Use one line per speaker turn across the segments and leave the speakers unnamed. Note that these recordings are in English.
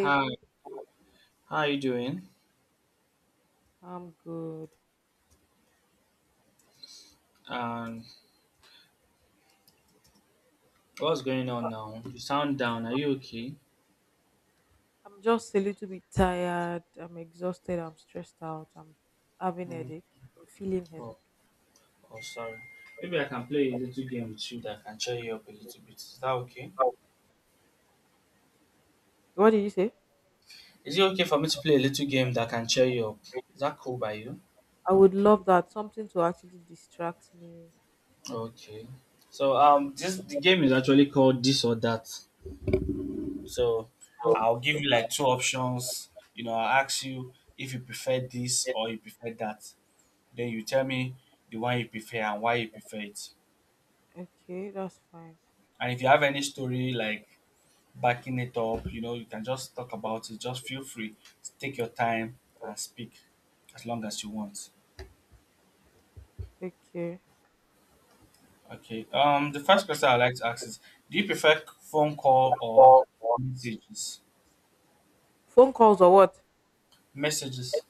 Hi, how are you doing? Um, what's going on now? You sound down. Are you okay? Mm. Oh, oh, sorry. Maybe I can play a little game with you that can cheer you up a little bit. Is that okay?
Also,
Is it okay for me to play a little game that can cheer you up? Is that cool by you? Okay. So this the game is actually called this or that. So I'll give you like two options. You know, I'll ask you if you prefer this or you prefer that. Then you tell me the one you prefer and why you prefer it. And if you have any story like backing it up, you can just talk about it. Just feel free to take your time and speak as long as you want. Okay. The first question I like to ask is, do you prefer phone call or messages? Messages.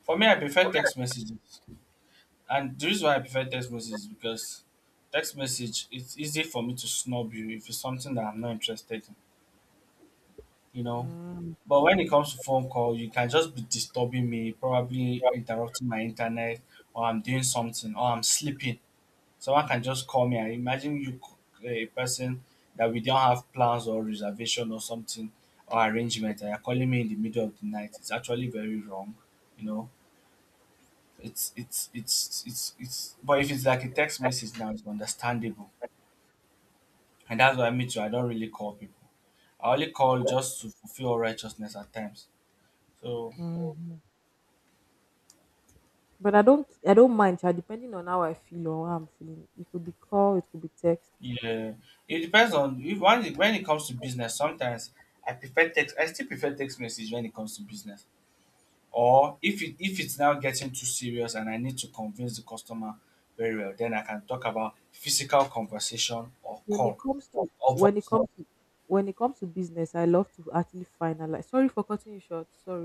For me, I prefer text messages, and the reason why I prefer text messages is because text message it's easy for me to snub you if it's something that I'm not interested in. You know. But when it comes to phone call, you can just be disturbing me, probably interrupting my internet, or I'm doing something, or I'm sleeping. Someone can just call me. I imagine you, a person that we don't have plans or reservation or something or arrangement, and you're calling me in the middle of the night. It's actually very wrong, you know. It's. But if it's like a text
like
message now, it's understandable, and that's what I mean too. I don't really call people. I only call just to fulfill righteousness at times. So yeah, it depends on if when it, when it comes to business. Sometimes I prefer text. I still prefer text message when it comes to business. Or if it's now getting too serious and I need to convince the customer very well, then I can talk about physical conversation or call or voice.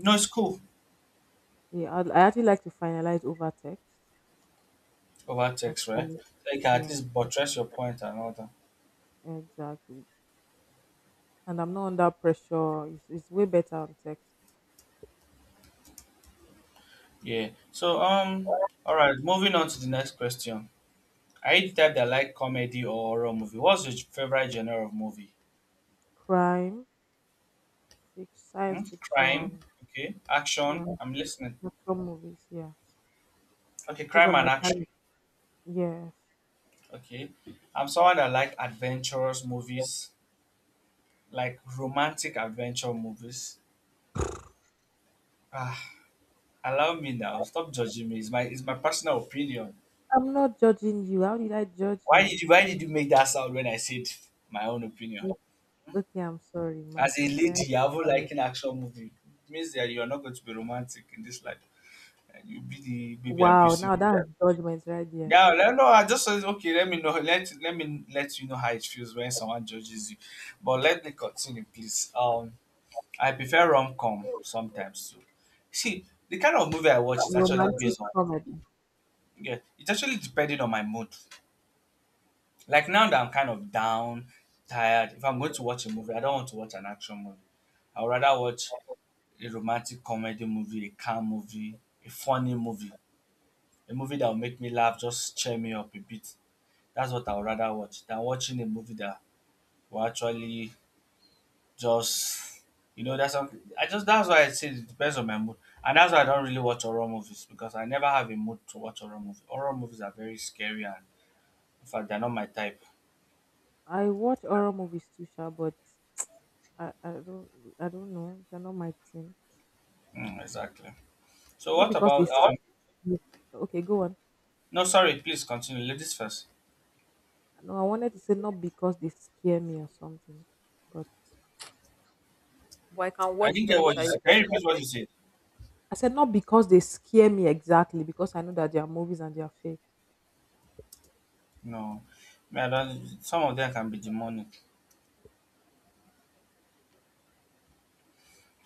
No, it's cool over text, right? So you can at least buttress your point and all that. Yeah. All right. Moving on to the next question. Are you the type that like comedy or horror movie? What's your favorite genre of movie? Hmm? Crime. Okay. Action. I'm listening. Okay, crime and action. Okay. I'm someone that like adventurous movies, like romantic adventure movies. Ah, allow me now. Stop judging me. It's my personal opinion. Why did you make that sound when I said my own opinion? As a lady, you haven't like an action movie. It means that you are not going to be romantic in this life. And you'll be the baby abusive. Yeah, no, I just said okay. Let me know. Let me let you know how it feels when someone judges you. But let me continue, please. I prefer rom com sometimes too. See, the kind of movie I watch is actually based on yeah. It's actually depending on my mood. Like now that I'm kind of down, tired. If I'm going to watch a movie, I don't want to watch an action movie. I would rather watch a romantic comedy movie, a calm movie, a funny movie, a movie that will make me laugh, just cheer me up a bit. That's what I would rather watch than watching a movie that will actually just that's something I just that's why I say it depends on my mood. And that's why I don't really watch horror movies because I never have a mood to watch horror movies. Horror movies are very scary and in fact they're not my type. Mm, exactly. So what about No sorry, please continue. Ladies first. I didn't get what you said. Can you repeat what you said? No. Me, I don't some of them can be demonic.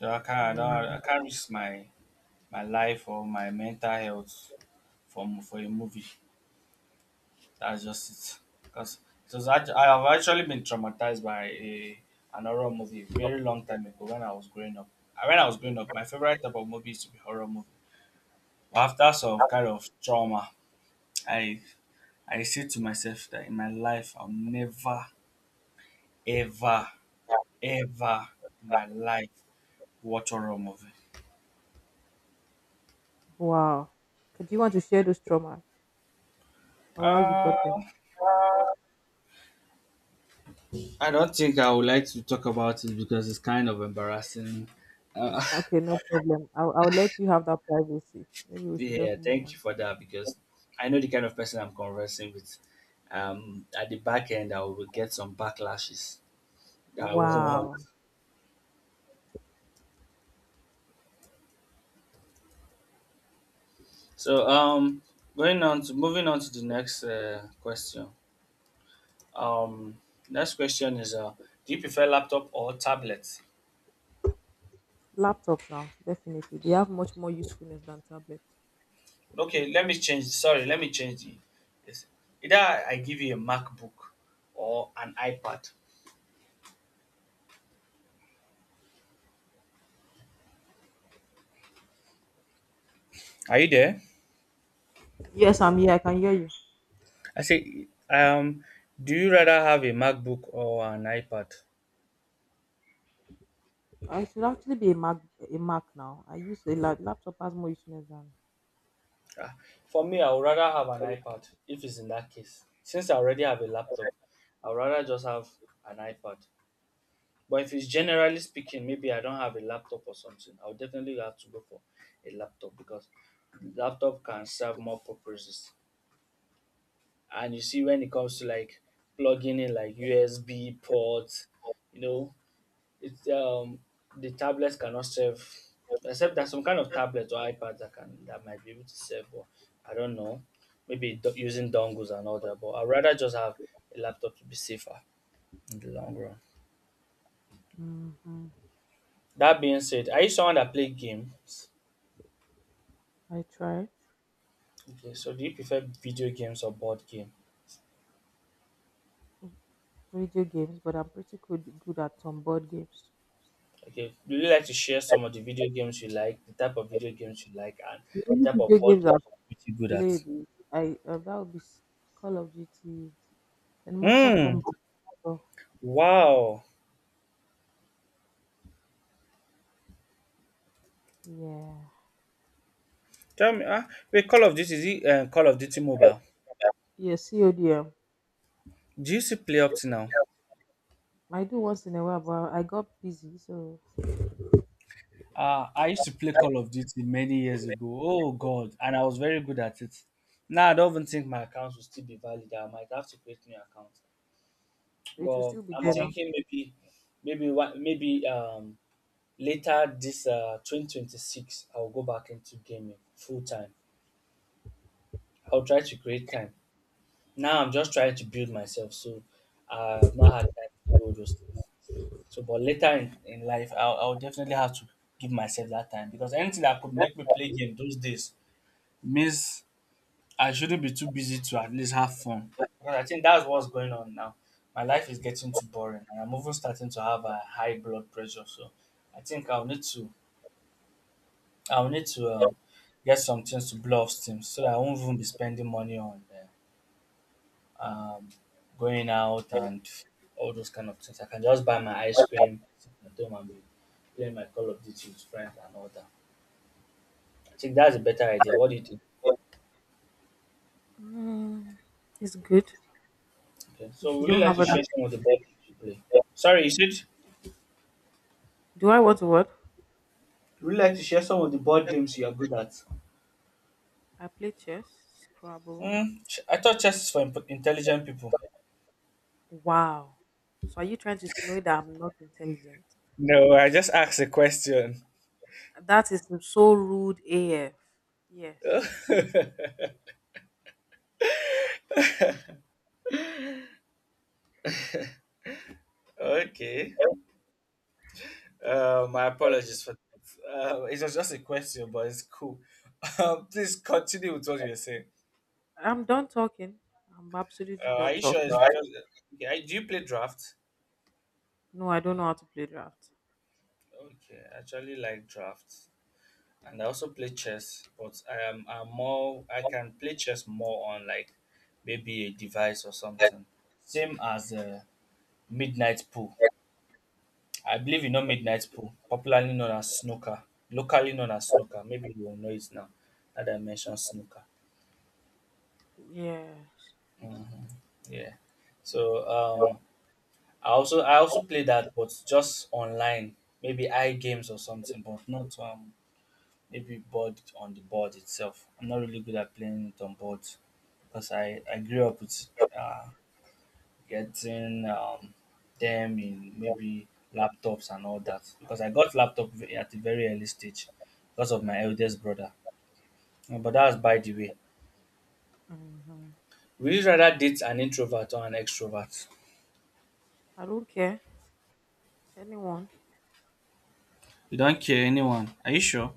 So I don't I can't risk my my life or my mental health for a movie. That's just it. Because I have actually been traumatized by a an horror movie a very long time ago when I was growing up. When I was growing up, my favorite type of movie used to be horror movie. But after some kind of trauma, I I said to myself that in my life I'll never, ever, ever in my life watch horror movie. Uh, I don't think I would like to talk about it because it's kind of embarrassing. Uh, Yeah, thank you for that because I know the kind of person I'm conversing with. At the back end, I will get some backlashes that I won't want. So, going on to moving on to the next question. Um, Next question is, do you prefer laptop or tablet? Okay, let me change. Sorry, let me change the. This. Either I give you a MacBook or an iPad. Are you there? I say, do you rather have a MacBook or an iPad? Ah, for me, I would rather have an iPad if it's in that case. Since I already have a laptop, I would rather just have an iPad. But if it's generally speaking, maybe I don't have a laptop or something, I would definitely have to go for a laptop because laptop can serve more purposes. And you see, when it comes to like plugging in like USB ports, you know, it's the tablets cannot serve except there's some kind of tablets or iPads that can that might be able to serve, but I don't know. Maybe using dongles and all that, but I'd rather just have a laptop to be safer in the long run. That being said, are you someone that play games? Okay, so do you prefer video games or board game? Okay, do you like to share some of the video games you like, the type of video games you like, and the type of board games you're pretty good at? Hmm. Wow. Tell me, ah, wait, Call of Duty, is it Call of Duty
I
Mobile? Do you still play up to now? I used to play Call of Duty many years ago. Oh God, and I was very good at it. Now I don't even think my account will still be valid. I might have to create new account. But I'm thinking maybe later this 2026 I'll go back into gaming full time. I'll try to create time. Now I'm just trying to build myself, so I've not had time to do all those. So, but later in life, I'll definitely have to give myself that time because anything that could make me play game those days means I shouldn't be too busy to at least have fun. Because I think that's what's going on now. My life is getting too boring, and I'm even starting to have a high blood pressure. So, I think I'll need to get some things to blow off steam so that I won't even be spending money on. Um, Going out and all those kind of things. I can just buy my ice cream, sit at home and be playing my Call of Duty with friends and all that. I think that's a better idea. What do you think? Okay. So would you like to share some of the board games you play? Sorry, you said would you like to share some of the board games you are good at? Hmm. I thought chess is for intelligent people. No, I just asked a question. Okay. My apologies for it was just a question, but it's cool. Please continue with what you were saying.
am
Are you
So
sure it's because okay, do you play draft? Okay, I actually like draft, and I also play chess, but I can play chess more on like maybe a device or
like
something. Same as midnight pool. I believe you know midnight pool, popularly known as snooker, locally known as snooker. Maybe you will know it now that I mentioned snooker. Mhm. Yeah. So um, I also play that, but just online, maybe I games or something, but not maybe board on the board itself. I'm not really good at playing it on board because I grew up with uh getting them in maybe laptops and all that because I got laptop at a very early stage because of my eldest brother. But that's by the way. Would you rather date an introvert or an extrovert? You don't care anyone. Are you sure?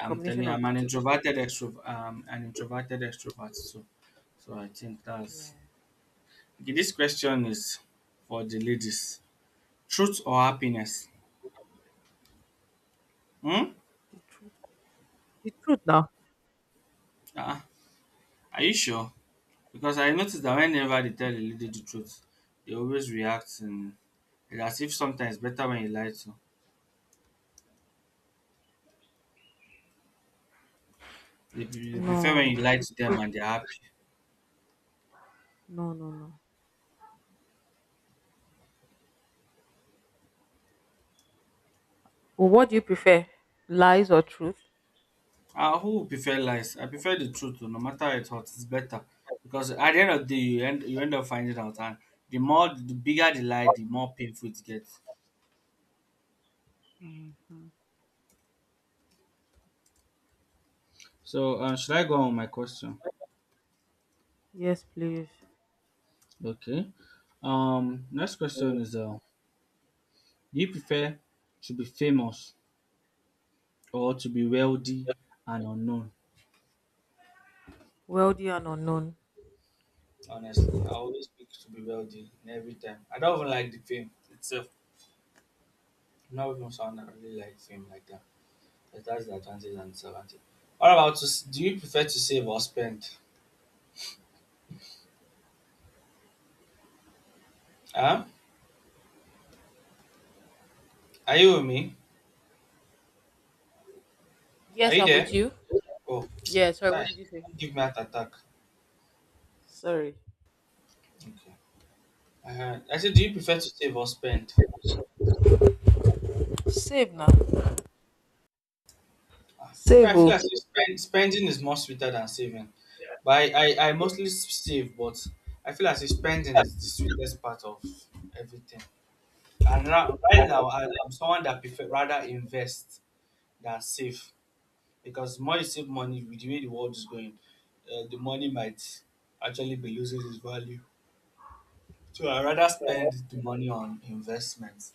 I'm telling you, I'm an introverted extrovert. An introverted extrovert. So, so I think that's. Okay, this question is for the ladies: truth or happiness? Hmm. Ah. Are you sure? Because I noticed that whenever they tell a lady the truth, they always react and as if sometimes better when you lie to. They prefer when you lie to them and they're happy. Who would prefer lies? I prefer the truth. No matter how it hurts, it's better because at the end of the day, you end up finding out, and the bigger the lie, the more painful it gets. So, should I go on with my question? Okay. Next question is: do you prefer to be famous or to be wealthy and unknown? Honestly, I always pick to be wealthy every time. I don't even like the fame itself. Not even someone that really like fame like that. Yes, that's the advantage and disadvantage. What about do you prefer to save or spend? Huh? Are you with me? Are you there? Oh, guy, don't give me heart attack. Okay. I said, do you prefer to save or spend? Well, I feel as if spending is more sweeter than saving. But I mostly save, but I feel as if spending is the sweetest part of everything. And right now, I'm someone that prefer rather invest than save because more you save money with the way the world is going, the money might actually be losing its value. So I rather spend the money on investments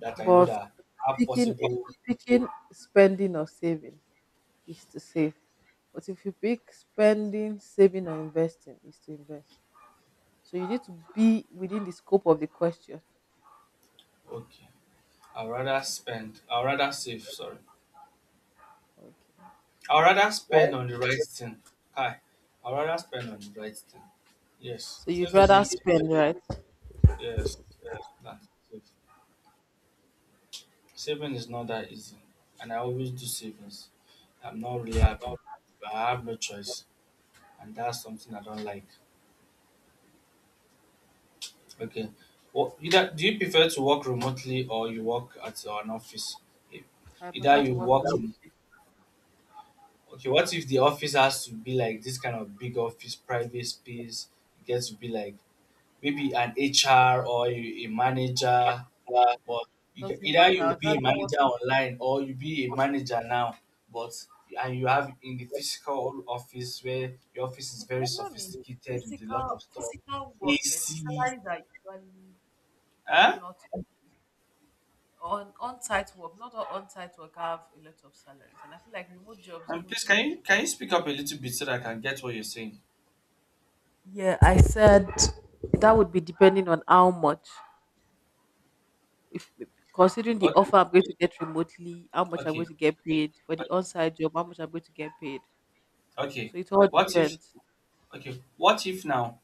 that I know that are possible. Okay, I rather spend. I rather save. Sorry, I rather spend on the right thing. Hi, I rather spend on the right thing. Yes, since they didn't. Yes, that save. Saving is not that easy, and I always do savings. I'm not really happy, but I have no choice, and that's something I don't like. Okay. Well, either do you prefer to work remotely or you work at an office? If- Either you work from okay. What if the office has to be like this kind of big office, private space? It gets to be like maybe an HR or a manager,
uh,
but you can, either you be a manager online or you be a manager now, but and you have in the physical office where your office is very sophisticated with a lot of stuff, AC, huh? Please can you speak up a little bit so that I can get what you're saying? Okay, okay, okay. Okay. What if okay? What if now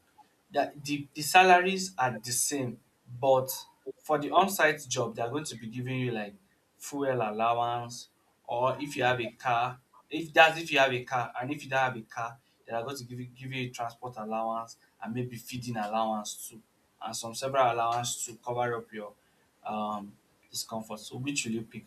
that the salaries are the same, but for the on-site job they are going to be giving you like fuel allowance, or if you have a car, if you have a car, and if you don't have a car, they are going to give you transport allowance and maybe feeding allowance too, and some several allowance to cover up your um discomfort. So which will you pick?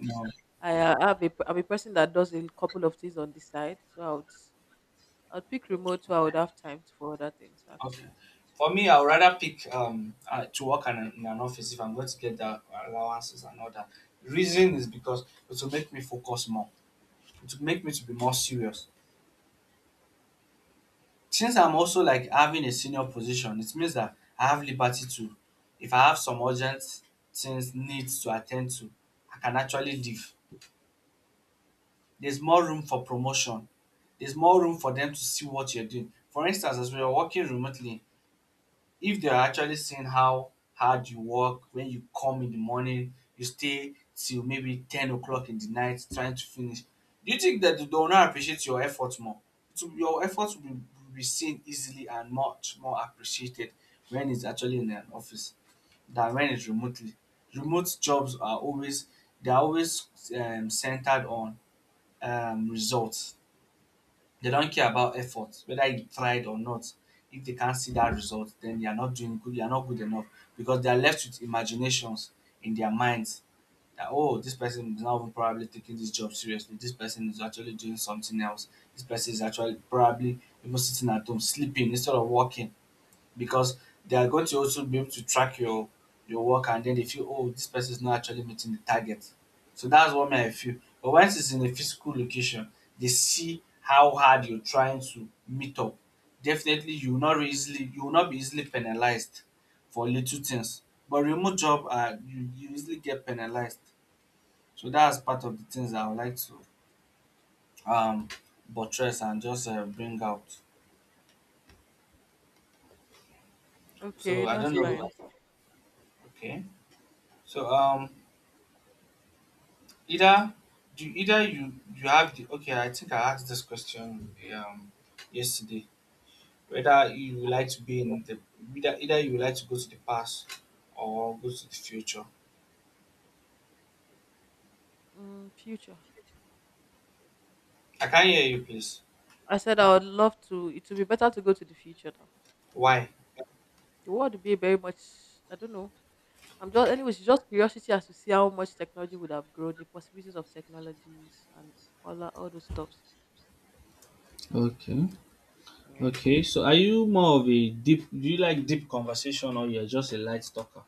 No. Okay. For me, I would rather pick to work in in an office if I'm going to get the allowances and all that. Reason is because it will make me focus more. It will make me to be more serious. Since I'm also like having a senior position, it means that I have liberty to. If I have some urgent things needs to attend to, I can actually leave. There's more room for promotion. There's more room for them to see what you're doing. For instance, as we are working remotely, if they are actually seeing how hard you work when you come in the morning, you stay till maybe 10 o'clock in the night trying to finish, do you think that they will not appreciate your effort more? Your effort will be seen easily and much more appreciated when it's actually in an office than when it's remotely. Remote jobs are always, they're always centered on results. They don't care about effort, whether you tried or not. If they can't see that result, then they are not doing good. They are not good enough because they are left with imaginations in their minds that oh, this person is not even probably taking this job seriously. This person is actually doing something else. This person is actually probably even sitting at home sleeping instead of working because they are going to also be able to track your work and then they feel oh this person is not actually meeting the target, so that's what me I feel. But once it's in a physical location, they see how hard you're trying to meet up. Definitely you will not be easily penalized for little things. But remote job, you easily get penalized. So that's part of the things that I would like to um buttress and just bring out. So I don't know.
so
Okay, so either do either you you have the okay, I think I asked this question yesterday. Whether you would like to be in the either you would like to go to the past or go to the future. I can't hear you please. Why? Okay. Okay. So are you more of a deep do you like deep conversation or you're just a light talker?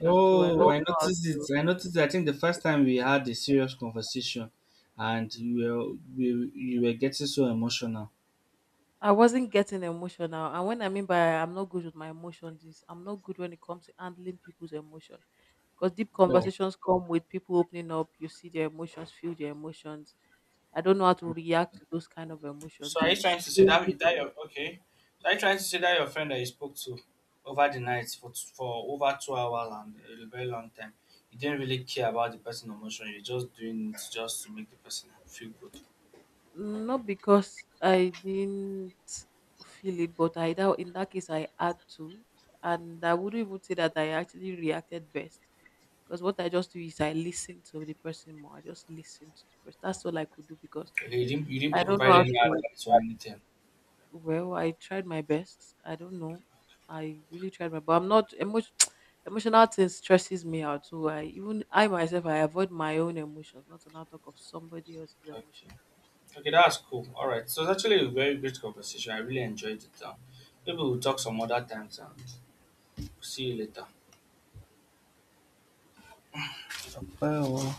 Oh, I noticed it. I noticed it. I think the first time we had a serious conversation and you were getting so emotional. Oh. So are you trying to say that that your okay? So are you trying to say that your friend that you spoke to over the night for over 2 hours and a very long time, you didn't really care about the person emotion. You're just doing it just to make the person feel good. Okay, you didn't provide any advice or anything. Okay, okay, that's cool. All right, so it's actually a very great conversation. I really enjoyed it. Maybe we'll talk some other times and see you later. Bye.